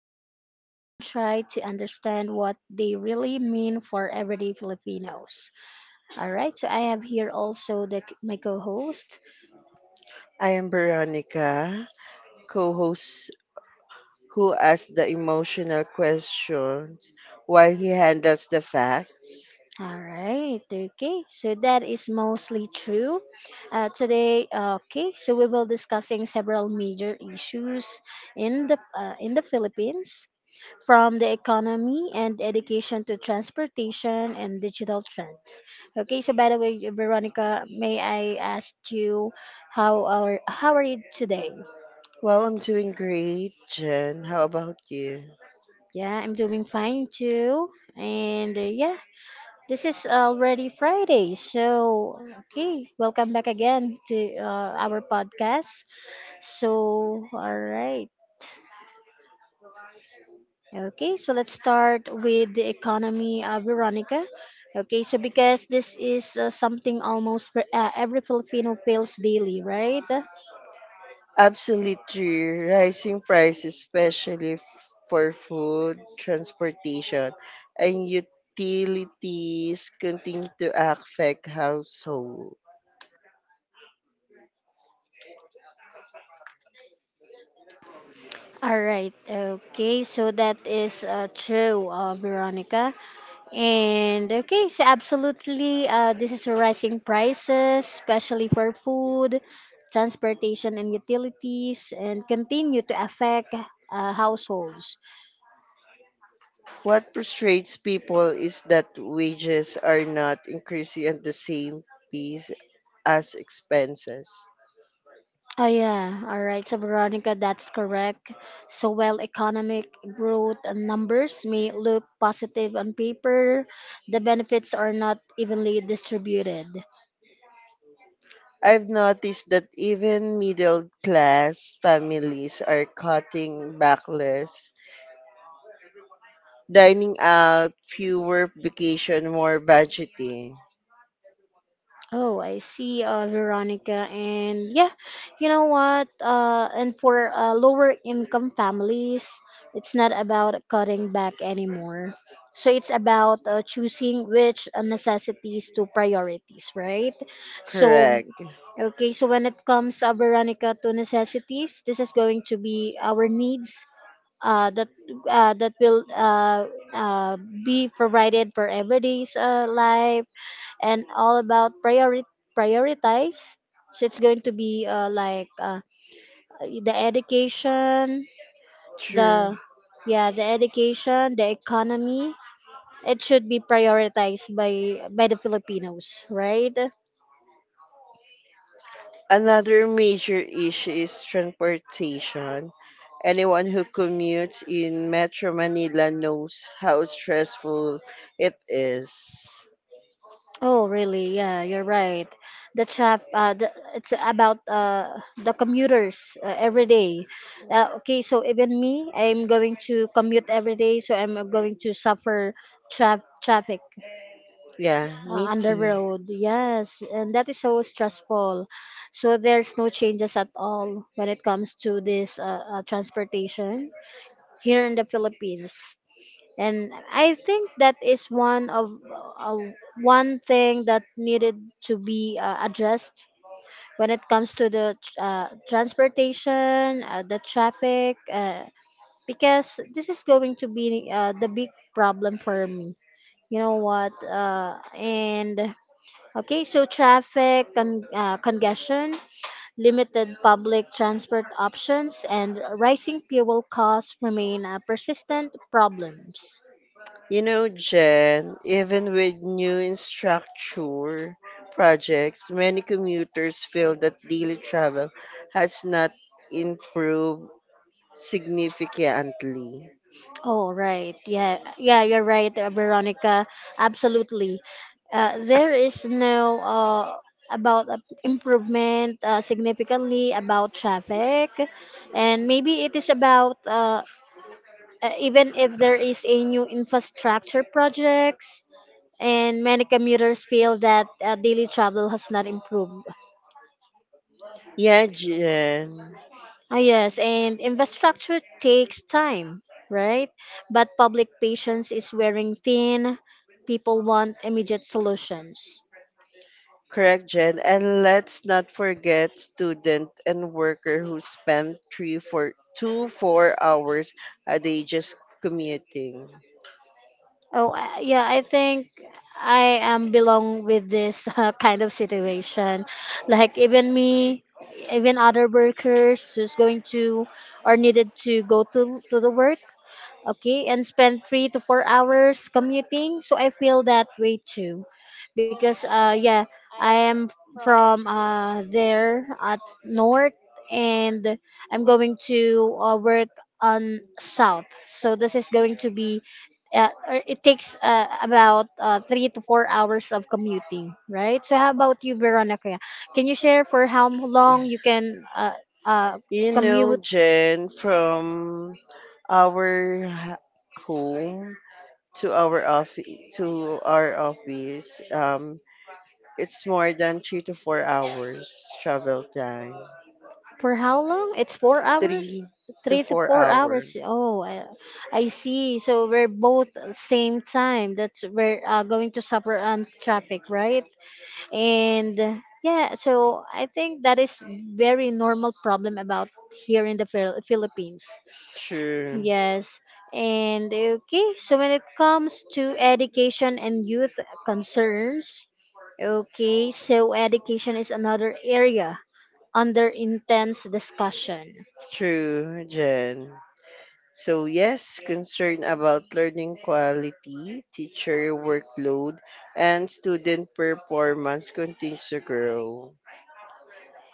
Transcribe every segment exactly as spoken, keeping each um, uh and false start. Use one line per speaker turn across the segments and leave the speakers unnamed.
The Philippines, and try to understand what they really mean for everyday Filipinos. All right, so I have here also the, my co host.
I am Veronica, co host who asks the emotional questions while he handles the facts.
All right, okay, so that is mostly true. Uh, today, uh, okay, so we will discussing several major issues in the uh, in the Philippines, from the economy and education to transportation and digital trends. Okay, so by the way, Veronica, may I ask you how are how are you today?
Well, I'm doing great, Jen. How about you?
Yeah, I'm doing fine too, and uh, yeah, this is already Friday, so okay, welcome back again to uh, our podcast. So, all right. Okay, so let's start with the economy, uh, Veronica. Okay, so because this is uh, something almost for, uh, every Filipino feels daily, right?
Absolutely. Rising prices, especially f- for food, transportation, and utilities, continue to affect households.
All right, okay, so that is uh, true, uh, Veronica. And okay, so absolutely, uh, this is rising prices, especially for food, transportation, and utilities, and continue to affect uh, households.
What frustrates people is that wages are not increasing at the same pace as expenses.
Oh yeah, all right. So Veronica, that's correct. So while economic growth and numbers may look positive on paper, the benefits are not evenly distributed.
I've noticed that even middle class families are cutting back less, dining out, fewer vacation, more budgeting.
Oh, I see, uh, Veronica. And yeah, you know what? Uh, and for uh, lower income families, it's not about cutting back anymore. So it's about uh, choosing which uh, necessities to priorities, right? So,
Correct.
okay, so when it comes, uh, Veronica, to necessities, this is going to be our needs. Uh, that uh, that will uh, uh, be provided for everyday's uh, life, and all about priori- prioritize. So it's going to be uh, like uh, the education, the
True.
yeah, the education, the economy. It should be prioritized by by the Filipinos, right?
Another major issue is transportation. Anyone who commutes in Metro Manila knows how stressful it is.
Oh, really? Yeah, you're right. The trap. Uh, the, it's about uh the commuters uh, every day. Uh, okay, so even me, I'm going to commute every day, so I'm going to suffer traf- traffic
Yeah, me
uh, on the
too.
road. Yes, and that is so stressful. So there's no changes at all when it comes to this uh, uh, transportation here in the Philippines. And I think that is one of uh, one thing that needed to be uh, addressed when it comes to the uh, transportation, uh, the traffic, uh, because this is going to be uh, the big problem for me. You know what? Uh, and okay, so traffic con- uh, congestion, limited public transport options, and rising fuel costs remain uh, persistent problems.
You know, Jen, even with new infrastructure projects, many commuters feel that daily travel has not improved significantly.
Oh, right. Yeah, yeah, you're right, uh, Veronica. Absolutely. Uh, there is no uh, about uh, improvement uh, significantly about traffic, and maybe it is about uh, uh, even if there is a new infrastructure projects, and many commuters feel that uh, daily travel has not improved.
Yeah, Jen.
Ah, yes, and infrastructure takes time, right? But public patience is wearing thin. People want immediate solutions.
Correct, Jen. And let's not forget student and worker who spend three, four, two, four hours a day just commuting.
Oh, uh, yeah, I think I am belong with this uh, kind of situation. Like even me, even other workers who's going to or needed to go to to the work, okay, and spend three to four hours commuting, so I feel that way too because uh yeah, I am from uh there at north, and I'm going to uh, work on south. So this is going to be uh, uh, it takes uh, about uh, three to four hours of commuting, right? So how about you, Veronica? Can you share for how long you can uh, uh,
You know,
commute?
Jen, from our h- home to our office to our office, um, it's more than three to four hours travel time.
For how long? It's four hours?
Three to
Three to
four
four
hours.
hours. Oh, I, I see. So we're both same time. That's we're uh, going to suffer on traffic, right? And uh, yeah, so I think that is very normal problem about here in the Phil- Philippines.
True.
Yes. And okay, so when it comes to education and youth concerns, okay, so education is another area under intense discussion.
True, Jen. So, yes, concern about learning quality, teacher workload, and student performance continues to grow.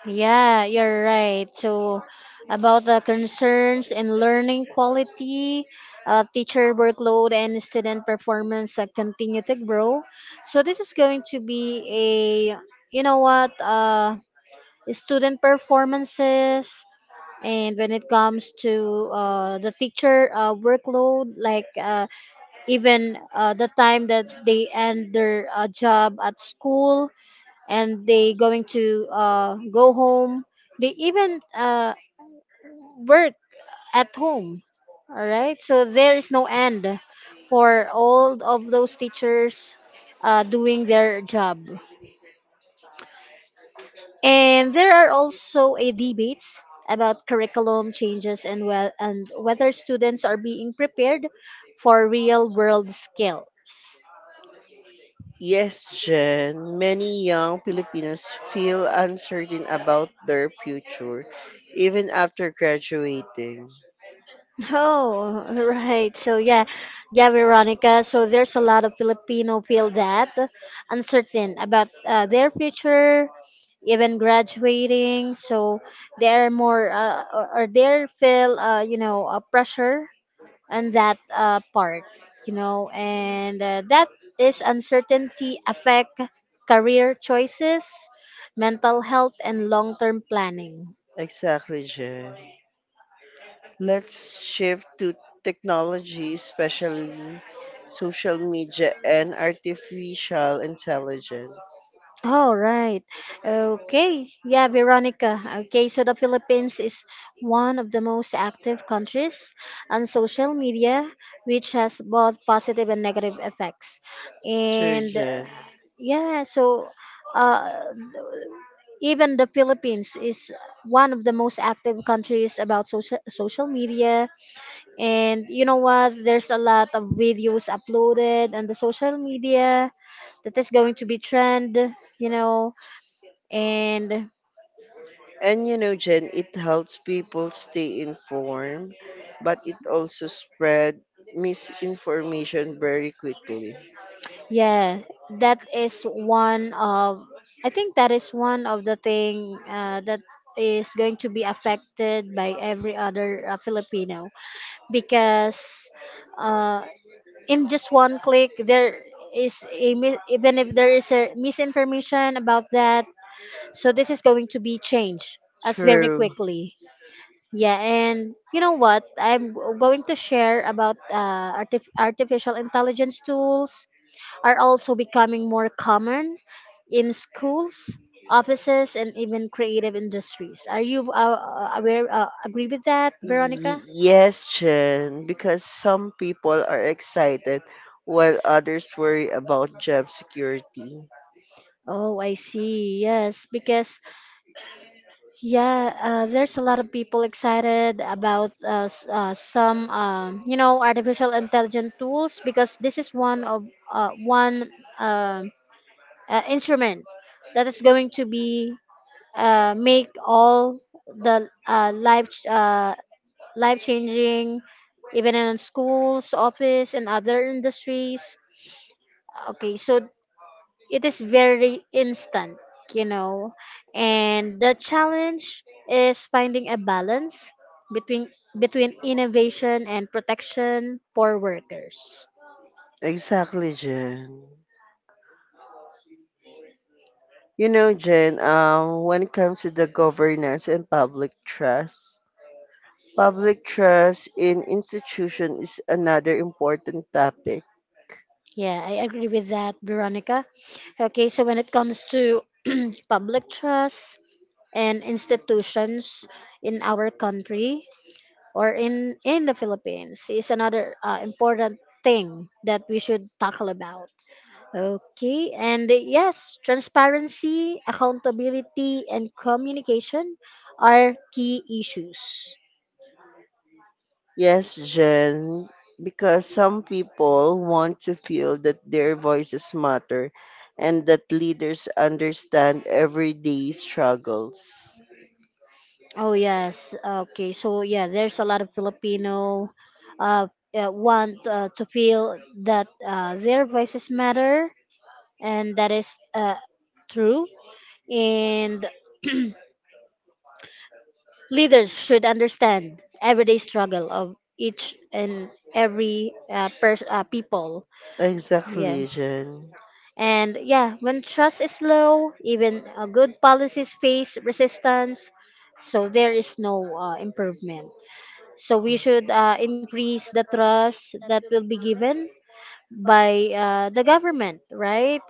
Yeah, you're right. So, about the concerns in learning quality, uh, teacher workload, and student performance that continue to grow. So, this is going to be a, you know what, uh, student performances. And when it comes to uh, the teacher uh, workload, like uh, even uh, the time that they end their uh, job at school, and they going to uh, go home, they even uh, work at home. All right, so there is no end for all of those teachers uh, doing their job. And there are also a debates about curriculum changes and well and whether students are being prepared for real world skills.
Yes, Jen, many young Filipinos feel uncertain about their future even after graduating.
Oh, right. So yeah, yeah, Veronica. So there's a lot of Filipino feel that uncertain about uh, their future, even graduating. So they're more uh, or or they feel uh, you know a pressure on that uh, part, you know, and uh, that is uncertainty affect career choices, mental health, and long term planning.
Exactly, Jen. Let's shift to technology, especially social media and artificial intelligence.
All right. Okay. Yeah, Veronica. Okay, so the Philippines is one of the most active countries on social media, which has both positive and negative effects.
Sure,
And uh,
Jen.
yeah, so uh, even the Philippines is one of the most active countries about social social media. And you know what? There's a lot of videos uploaded on the social media that is going to be trend. You know, and
And you know, Jen, it helps people stay informed, but it also spread misinformation very quickly.
yeah, that is one of I think that is one of the thing uh, that is going to be affected by every other uh, Filipino, because uh, in just one click, there is a mi- even if there is a misinformation about that, so this is going to be changed as very
True.
quickly. Yeah, and you know what, i'm g- going to share about uh, artif- artificial intelligence tools are also becoming more common in schools, offices, and even creative industries. Are you uh, aware, uh, agree with that,
Y-
Veronica?
yes, Jen, because some people are excited while others worry about job security.
Oh, I see. Yes, because yeah, uh, there's a lot of people excited about uh, s- uh, some, um, you know, artificial intelligent tools because this is one of uh, one um uh, instrument that is going to be uh, make all the uh, life uh, life changing, even in schools, office, and other industries. Okay, so it is very instant, you know, and the challenge is finding a balance between between innovation and protection for workers.
Exactly, Jen. You know, Jen, um, when it comes to the governance and public trust, public trust in institutions is another important topic.
Yeah, I agree with that, Veronica. Okay, so when it comes to public trust and institutions in our country, or in in the Philippines, is another uh, important thing that we should tackle about. Okay, and yes, transparency, accountability, and communication are key issues.
Yes, Jen, because some people want to feel that their voices matter and that leaders understand everyday struggles.
Oh yes. Okay. So yeah, there's a lot of Filipino uh, uh want uh, to feel that uh, their voices matter, and that is uh, true. And leaders should understand everyday struggle of each and every uh, pers- uh, people. Yeah.
Exactly, Jen.
And yeah, when trust is low, even uh, good policies face resistance, so there is no uh, improvement. So we should uh, increase the trust that will be given by uh, the government, right?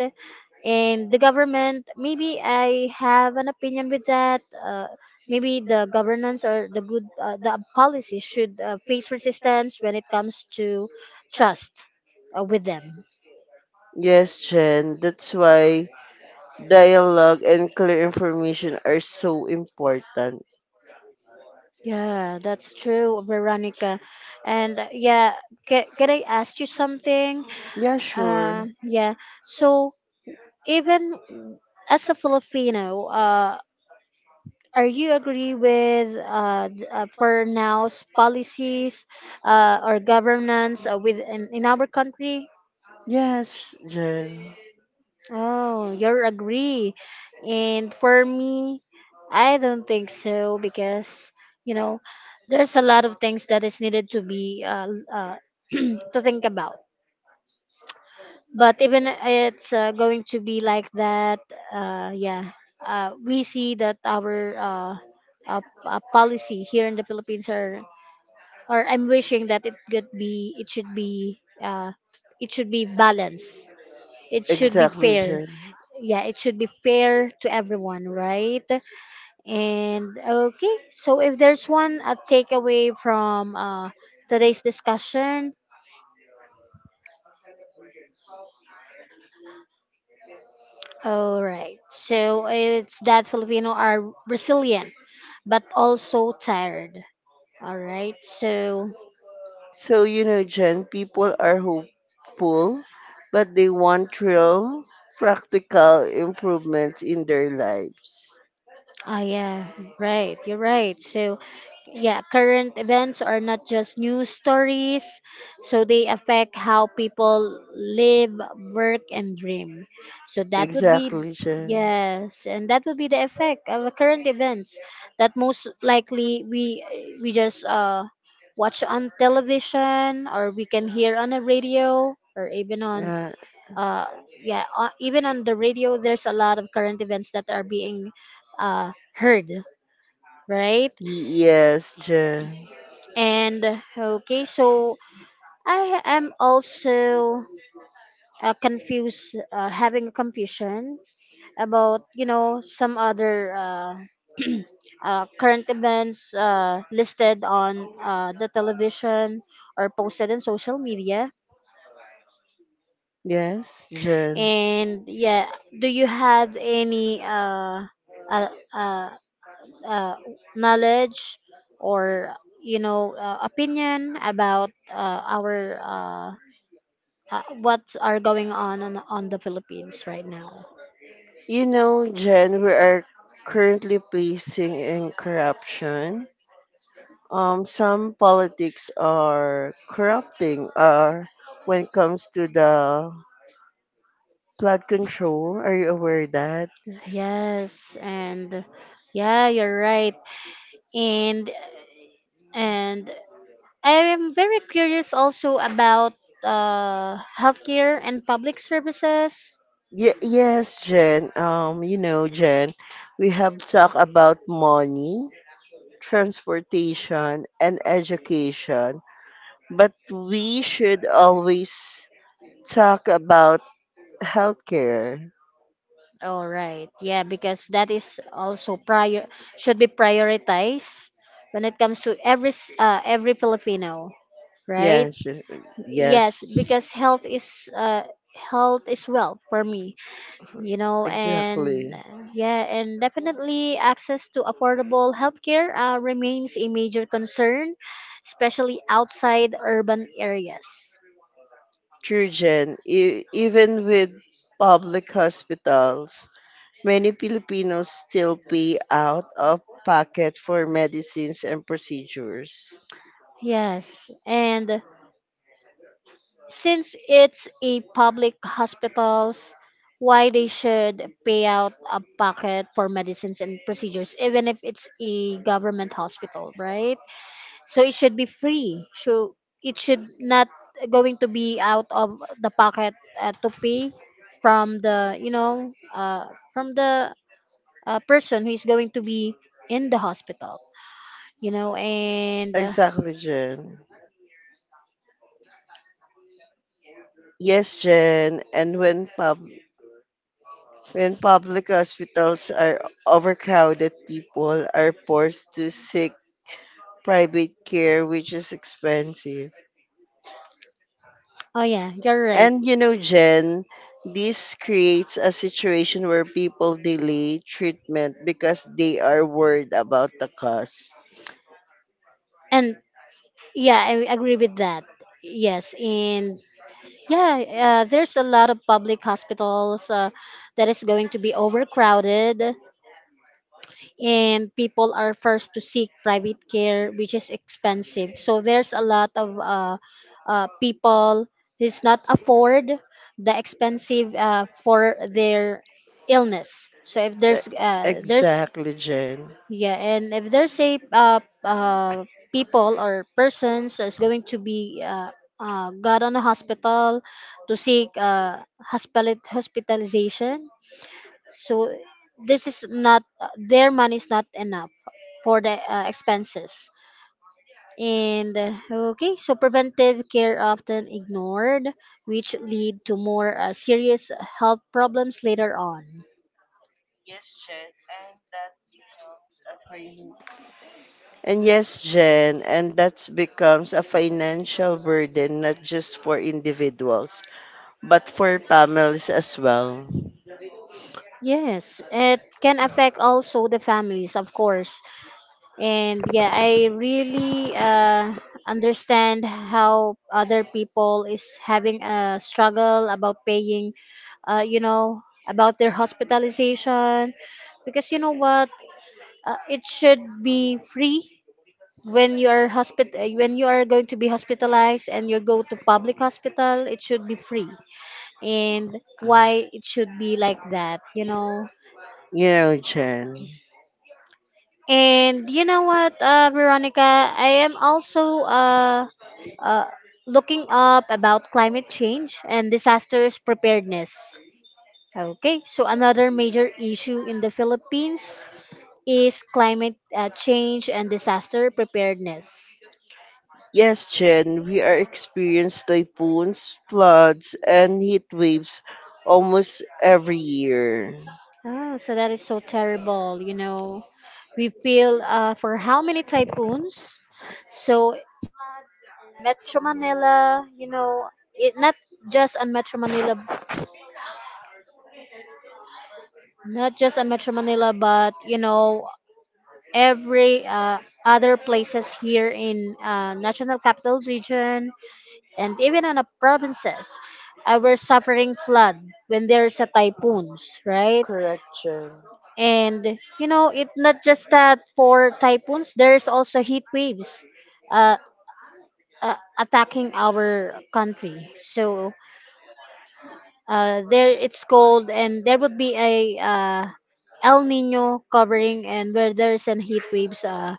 And the government, maybe I have an opinion with that. Uh, maybe the governance or the good uh, the policy should uh, face resistance when it comes to trust uh, with them.
Yes, Jen, that's why dialogue and clear information are so important.
Yeah, that's true, Veronica. And uh, yeah, can, can I ask you something?
Yeah, sure.
Sure. Uh, yeah. So even as a Filipino, uh, are you agree with uh, th- uh, for now's policies uh, or governance uh, with in, in our country?
Yes, Jen.
Oh, you're agree. And for me, I don't think so, because you know there's a lot of things that is needed to be uh, l- uh, to think about. But even it's uh, going to be like that, uh, yeah, uh, we see that our uh, uh, uh, policy here in the Philippines are or I'm wishing that it could be it should be uh it should be balanced. It should be
Exactly,
fair.
Jen.
Yeah, it should be fair to everyone, right? And okay, so if there's one a takeaway from uh today's discussion, all right. So it's that Filipino are resilient but also tired. All right. So,
So, you know, Jen, people are hopeful, but they want real, practical improvements in their lives.
oh yeah, right. You're right. So yeah, current events are not just news stories, so they affect how people live, work, and dream. So that would be
Exactly, Jen.
yes, and that would be the effect of the current events that most likely we we just uh watch on television, or we can hear on the radio, or even on
Yeah.
uh yeah, uh, even on the radio there's a lot of current events that are being uh heard, right?
Yes, Jen.
And okay, so I am also uh, confused, uh, having a confusion about you know some other uh, uh, current events uh, listed on uh, the television or posted on social media.
Yes, Jen.
And yeah, do you have any uh, uh, uh, uh, knowledge or you know uh, opinion about uh, our uh, uh, what are going on, on on the Philippines right now.
You know, Jen, we are currently facing in corruption. Um, some politics are corrupting. Are when it comes to the plot control. Are you aware of that?
Yes, and yeah, you're right. And and I am very curious also about uh healthcare and public services.
Ye- yes, Jen. Um, you know, Jen, we have talked about money, transportation, and education, but we should always talk about healthcare.
All right. Yeah, because that is also prior should be prioritized when it comes to every s- uh, every Filipino. Yeah, right?
Yes, uh,
Yes,
yes,
yes, because health is uh health is wealth for me, you know
exactly.
and uh, yeah. And definitely access to affordable healthcare uh, remains a major concern, especially outside urban areas.
True, Jen. E- even with public hospitals, many Filipinos still pay out of pocket for medicines and procedures.
Yes, and since it's a public hospitals, why they should pay out a pocket for medicines and procedures even if it's a government hospital, right? So it should be free, so it should not going to be out of the pocket, uh, to pay from the you know uh, from the uh, person who is going to be in the hospital. You know and uh,
Exactly, Jen. Yes, Jen. And when pub when public hospitals are overcrowded, people are forced to seek private care, which is expensive.
Oh yeah, you're right.
And you know, Jen, this creates a situation where people delay treatment because they are worried about the cost.
And yeah, I agree with that. Yes, and yeah, uh, there's a lot of public hospitals uh, that is going to be overcrowded, and people are first to seek private care which is expensive. So there's a lot of uh, uh, people who's not afford the expensive uh, for their illness. So if
E-
there's uh, there's
Exactly, Jen.
yeah. And if there's a uh, uh, people or persons is going to be uh, uh, got on a hospital to seek uh, hospital hospitalization. So this is not, uh, their money is not enough for the uh, expenses. And uh, okay, so preventive care often ignored, which lead to more uh, serious health problems later on.
And yes, Jen, and that becomes a financial burden not just for individuals, but for families as well.
Yes, it can affect also the families, of course. And yeah, I really uh, understand how other people is having a struggle about paying, uh, you know about their hospitalization, because you know what, uh, it should be free. When you are hospit- uh, when you are going to be hospitalized and you go to public hospital, it should be free. And why it should be like that, you know?
You know, Jen.
And you know what, uh, Veronica, I am also uh, uh, looking up about climate change and disasters preparedness. Okay, so another major issue in the Philippines is climate uh, change and disaster preparedness.
Yes, Jen, we are experiencing typhoons, floods, and heat waves almost every year.
Oh, so that is so terrible. You know, we feel uh, for how many typhoons, so floods in Metro Manila. You know, it, not just on Metro Manila, not just on Metro Manila, but you know, every uh, other places here in uh, National Capital Region, and even on the provinces, uh, we're suffering flood when there's a typhoons, right?
Correct, Jen.
And you know, it not just that, for typhoons, there's also heat waves, uh, uh, attacking our country. So uh, there it's cold and there would be a uh, El Nino covering, and where there's an heat waves uh,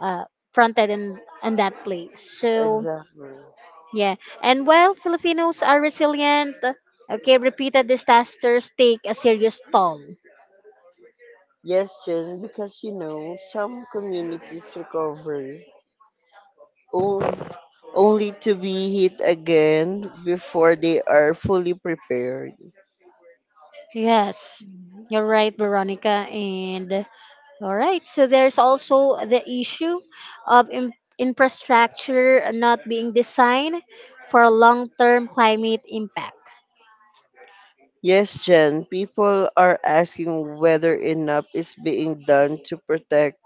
uh, fronted in, in that place. So
Exactly.
yeah, and while Filipinos are resilient, okay, repeated disasters take a serious toll.
Yes, Jen, because you know, some communities recover on- only to be hit again before they are fully prepared.
Yes, you're right, Veronica. And all right, so there's also the issue of in- infrastructure not being designed for long-term climate impact.
Yes, Jen, people are asking whether enough is being done to protect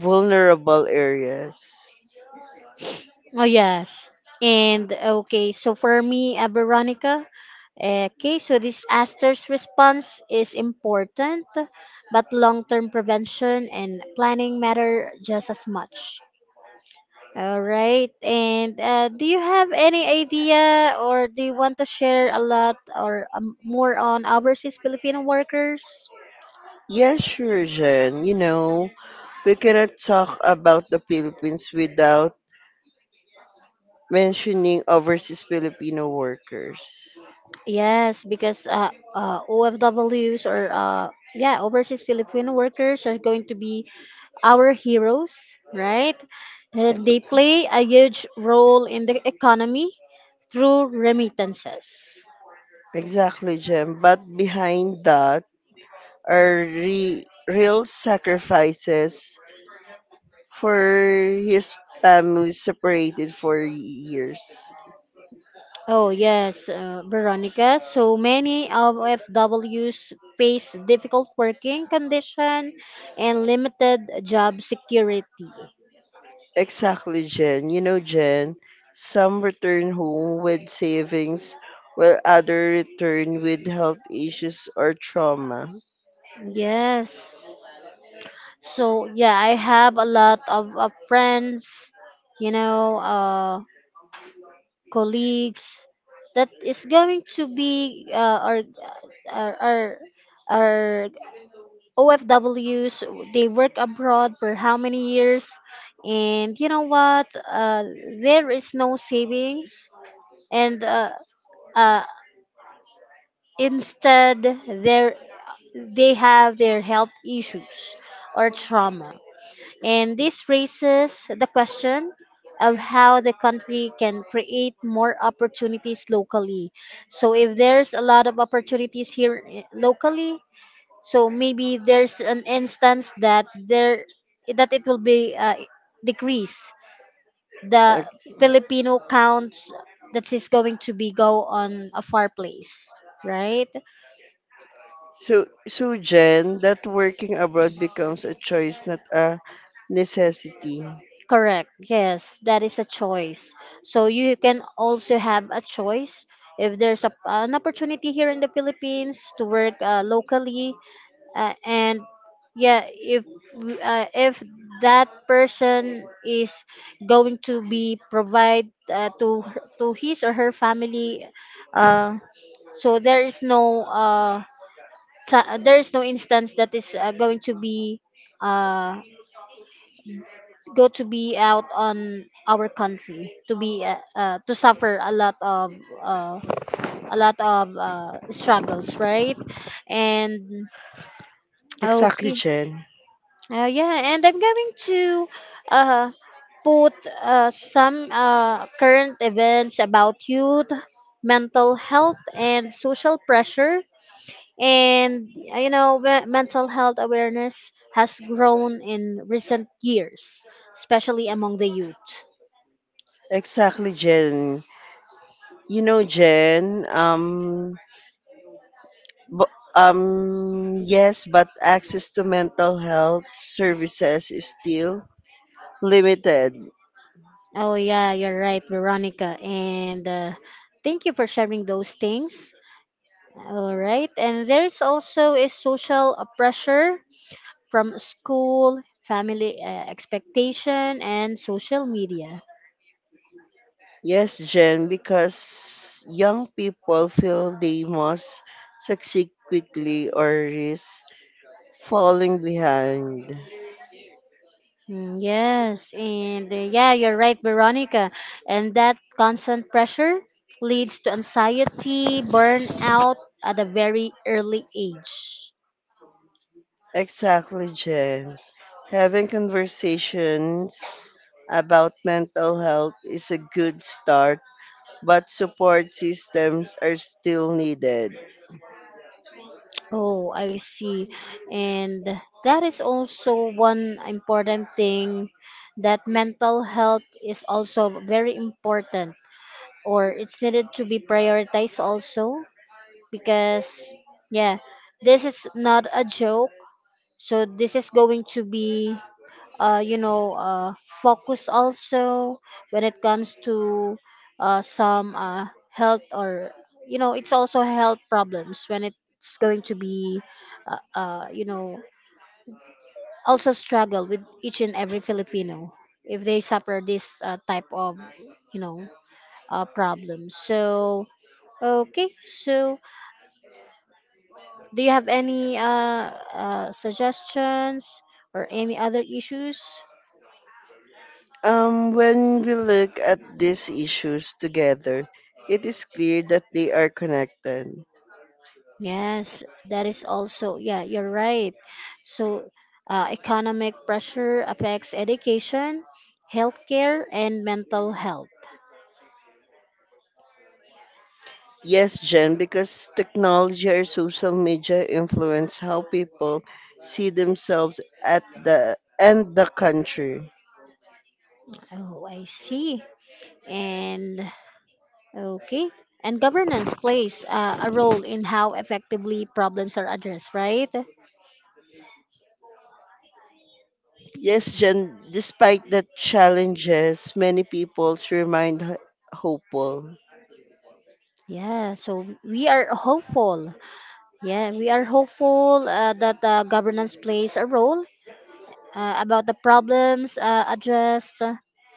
vulnerable areas.
Oh yes. And okay, so for me, uh, Veronica, okay, so disaster's response is important, but long-term prevention and planning matter just as much. All right. And uh, do you have any idea, or do you want to share a lot, or um, more on overseas Filipino workers?
Yeah, sure, Jen. You know, we cannot talk about the Philippines without mentioning overseas Filipino workers.
Yes, because uh, uh, O F Ws, or uh, yeah, overseas Filipino workers are going to be our heroes, right? Uh, They play a huge role in the economy through remittances.
Exactly, Jem. But behind that are re- real sacrifices for his family separated for years.
Oh, yes, uh, Veronica. So many of F Ws face difficult working condition and limited job security.
Exactly, Jen. You know, Jen, some return home with savings while others return with health issues or trauma.
Yes. So yeah, I have a lot of uh, friends, you know, uh, colleagues that is going to be uh, our our our our O F Ws. They work abroad for how many years, and you know what, uh, there is no savings, and uh, uh, instead, there they have their health issues or trauma. And this raises the question of how the country can create more opportunities locally. So if there's a lot of opportunities here, eh, locally, so maybe there's an instance that there that it will be uh, decrease the
Uh,
Filipino counts that is going to be go on a far place, right?
so, so Jen, that working abroad becomes a choice, not a necessity.
Correct. Yes, that is a choice. So you can also have a choice if there's a, an opportunity here in the Philippines to work uh, locally, uh, and yeah, if uh, if that person is going to be provide uh, to her- to his or her family, uh, so there is no uh, ta- there is no instance that is uh, going to be uh, go to be out on our country to be uh, uh, to suffer a lot of uh, a lot of uh, struggles, right? And
Exactly,
okay,
Jen.
uh, yeah, and I'm going to uh, put uh, some uh, current events about youth mental health and social pressure. And uh, you know, me- mental health awareness has grown in recent years, especially among the youth.
Exactly, Jen. You know, Jen, um, bu- um, yes, but access to mental health services is still limited.
Oh yeah, you're right, Veronica. And uh, thank you for sharing those things. All right. And there's also a social uh, pressure from school, family uh, expectation, and social media.
Yes, Jen, because young people feel they must succeed quickly or risk falling behind.
Mm, yes. And uh, yeah, you're right, Veronica. And that constant pressure leads to anxiety, burnout at a very early age.
Exactly, Jen. Having conversations about mental health is a good start, but support systems are still needed.
Oh, I see. And that is also one important thing, that mental health is also very important, or it's needed to be prioritized also, because yeah, this is not a joke. So this is going to be uh, you know, uh, focus also when it comes to uh, some uh, health, or you know, it's also health problems when it's going to be uh, uh, you know, also struggle with each and every Filipino, if they suffer this uh, type of, you know, uh, problems. So okay, so do you have any uh, uh, suggestions or any other issues?
Um, when we look at these issues together, it is clear that they are connected.
Yes, that is also, yeah, you're right. So, uh, economic pressure affects education, healthcare, and mental health.
Yes, Jen, because technology or social media influence how people see themselves at the and the country.
Oh, I see. And, okay. And governance plays uh, a role in how effectively problems are addressed, right?
Yes, Jen, despite the challenges, many people's remain h- hopeful.
Yeah, so we are hopeful. Yeah, we are hopeful uh, that uh, governance plays a role uh, about the problems uh, addressed, uh,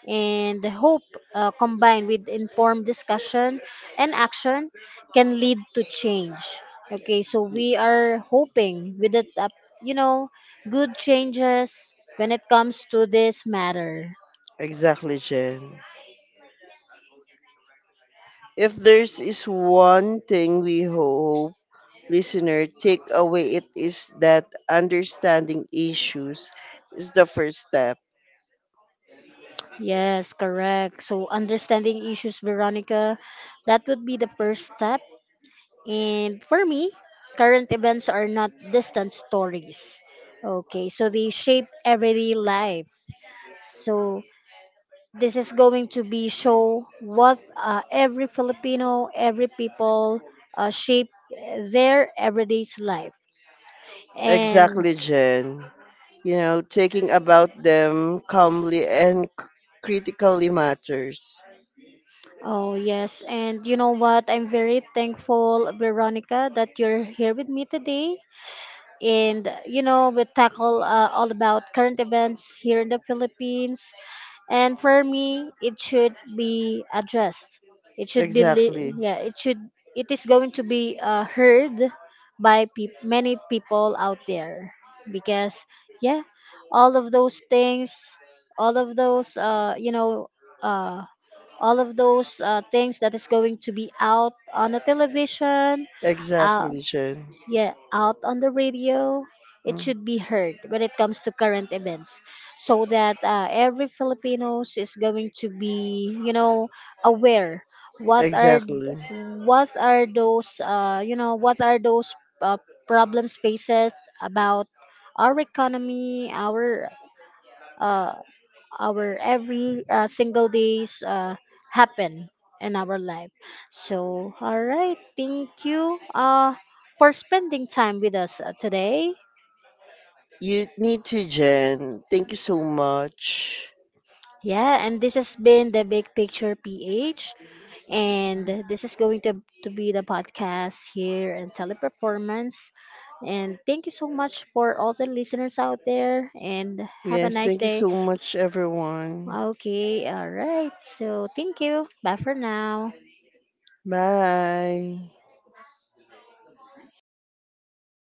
and the hope uh, combined with informed discussion and action can lead to change. Okay, so we are hoping with it, uh, you know good changes when it comes to this matter.
Exactly, Jen. If there's is one thing we hope listener takeaway it is that understanding issues is the first step.
Yes, correct, so understanding issues, Veronica, that would be the first step. And for me, current events are not distant stories. Okay, so they shape everyday life. So this is going to be show what uh, every Filipino, every people uh, shape their everyday life. And
Exactly, Jen. You know, taking about them calmly and c- critically matters.
oh yes, and you know what? I'm very thankful, Veronica, that you're here with me today. And you know, we tackle uh, all about current events here in the Philippines, and for me it should be addressed. It should be
Exactly.
li- yeah, it should, it is going to be uh, heard by peop many people out there, because yeah, all of those things, all of those uh you know uh all of those uh, things that is going to be out on the television, uh,
Exactly, Jen.
yeah, out on the radio. It
Mm.
should be heard when it comes to current events, so that uh, every Filipinos is going to be, you know, aware what are,
Exactly.
what are those, uh, you know, what are those uh, problems faces about our economy, our uh, our every uh, single days uh, happen in our life. So, all right, thank you uh, for spending time with us uh, today.
You need to, Jen. Thank you so much.
Yeah, and this has been the Big Picture P H, and this is going to, to be the podcast here in Teleperformance. And thank you so much for all the listeners out there, and have a
Yes,
nice
thank you
day.
so much, everyone.
Okay, all right. So, thank you. Bye for now.
Bye.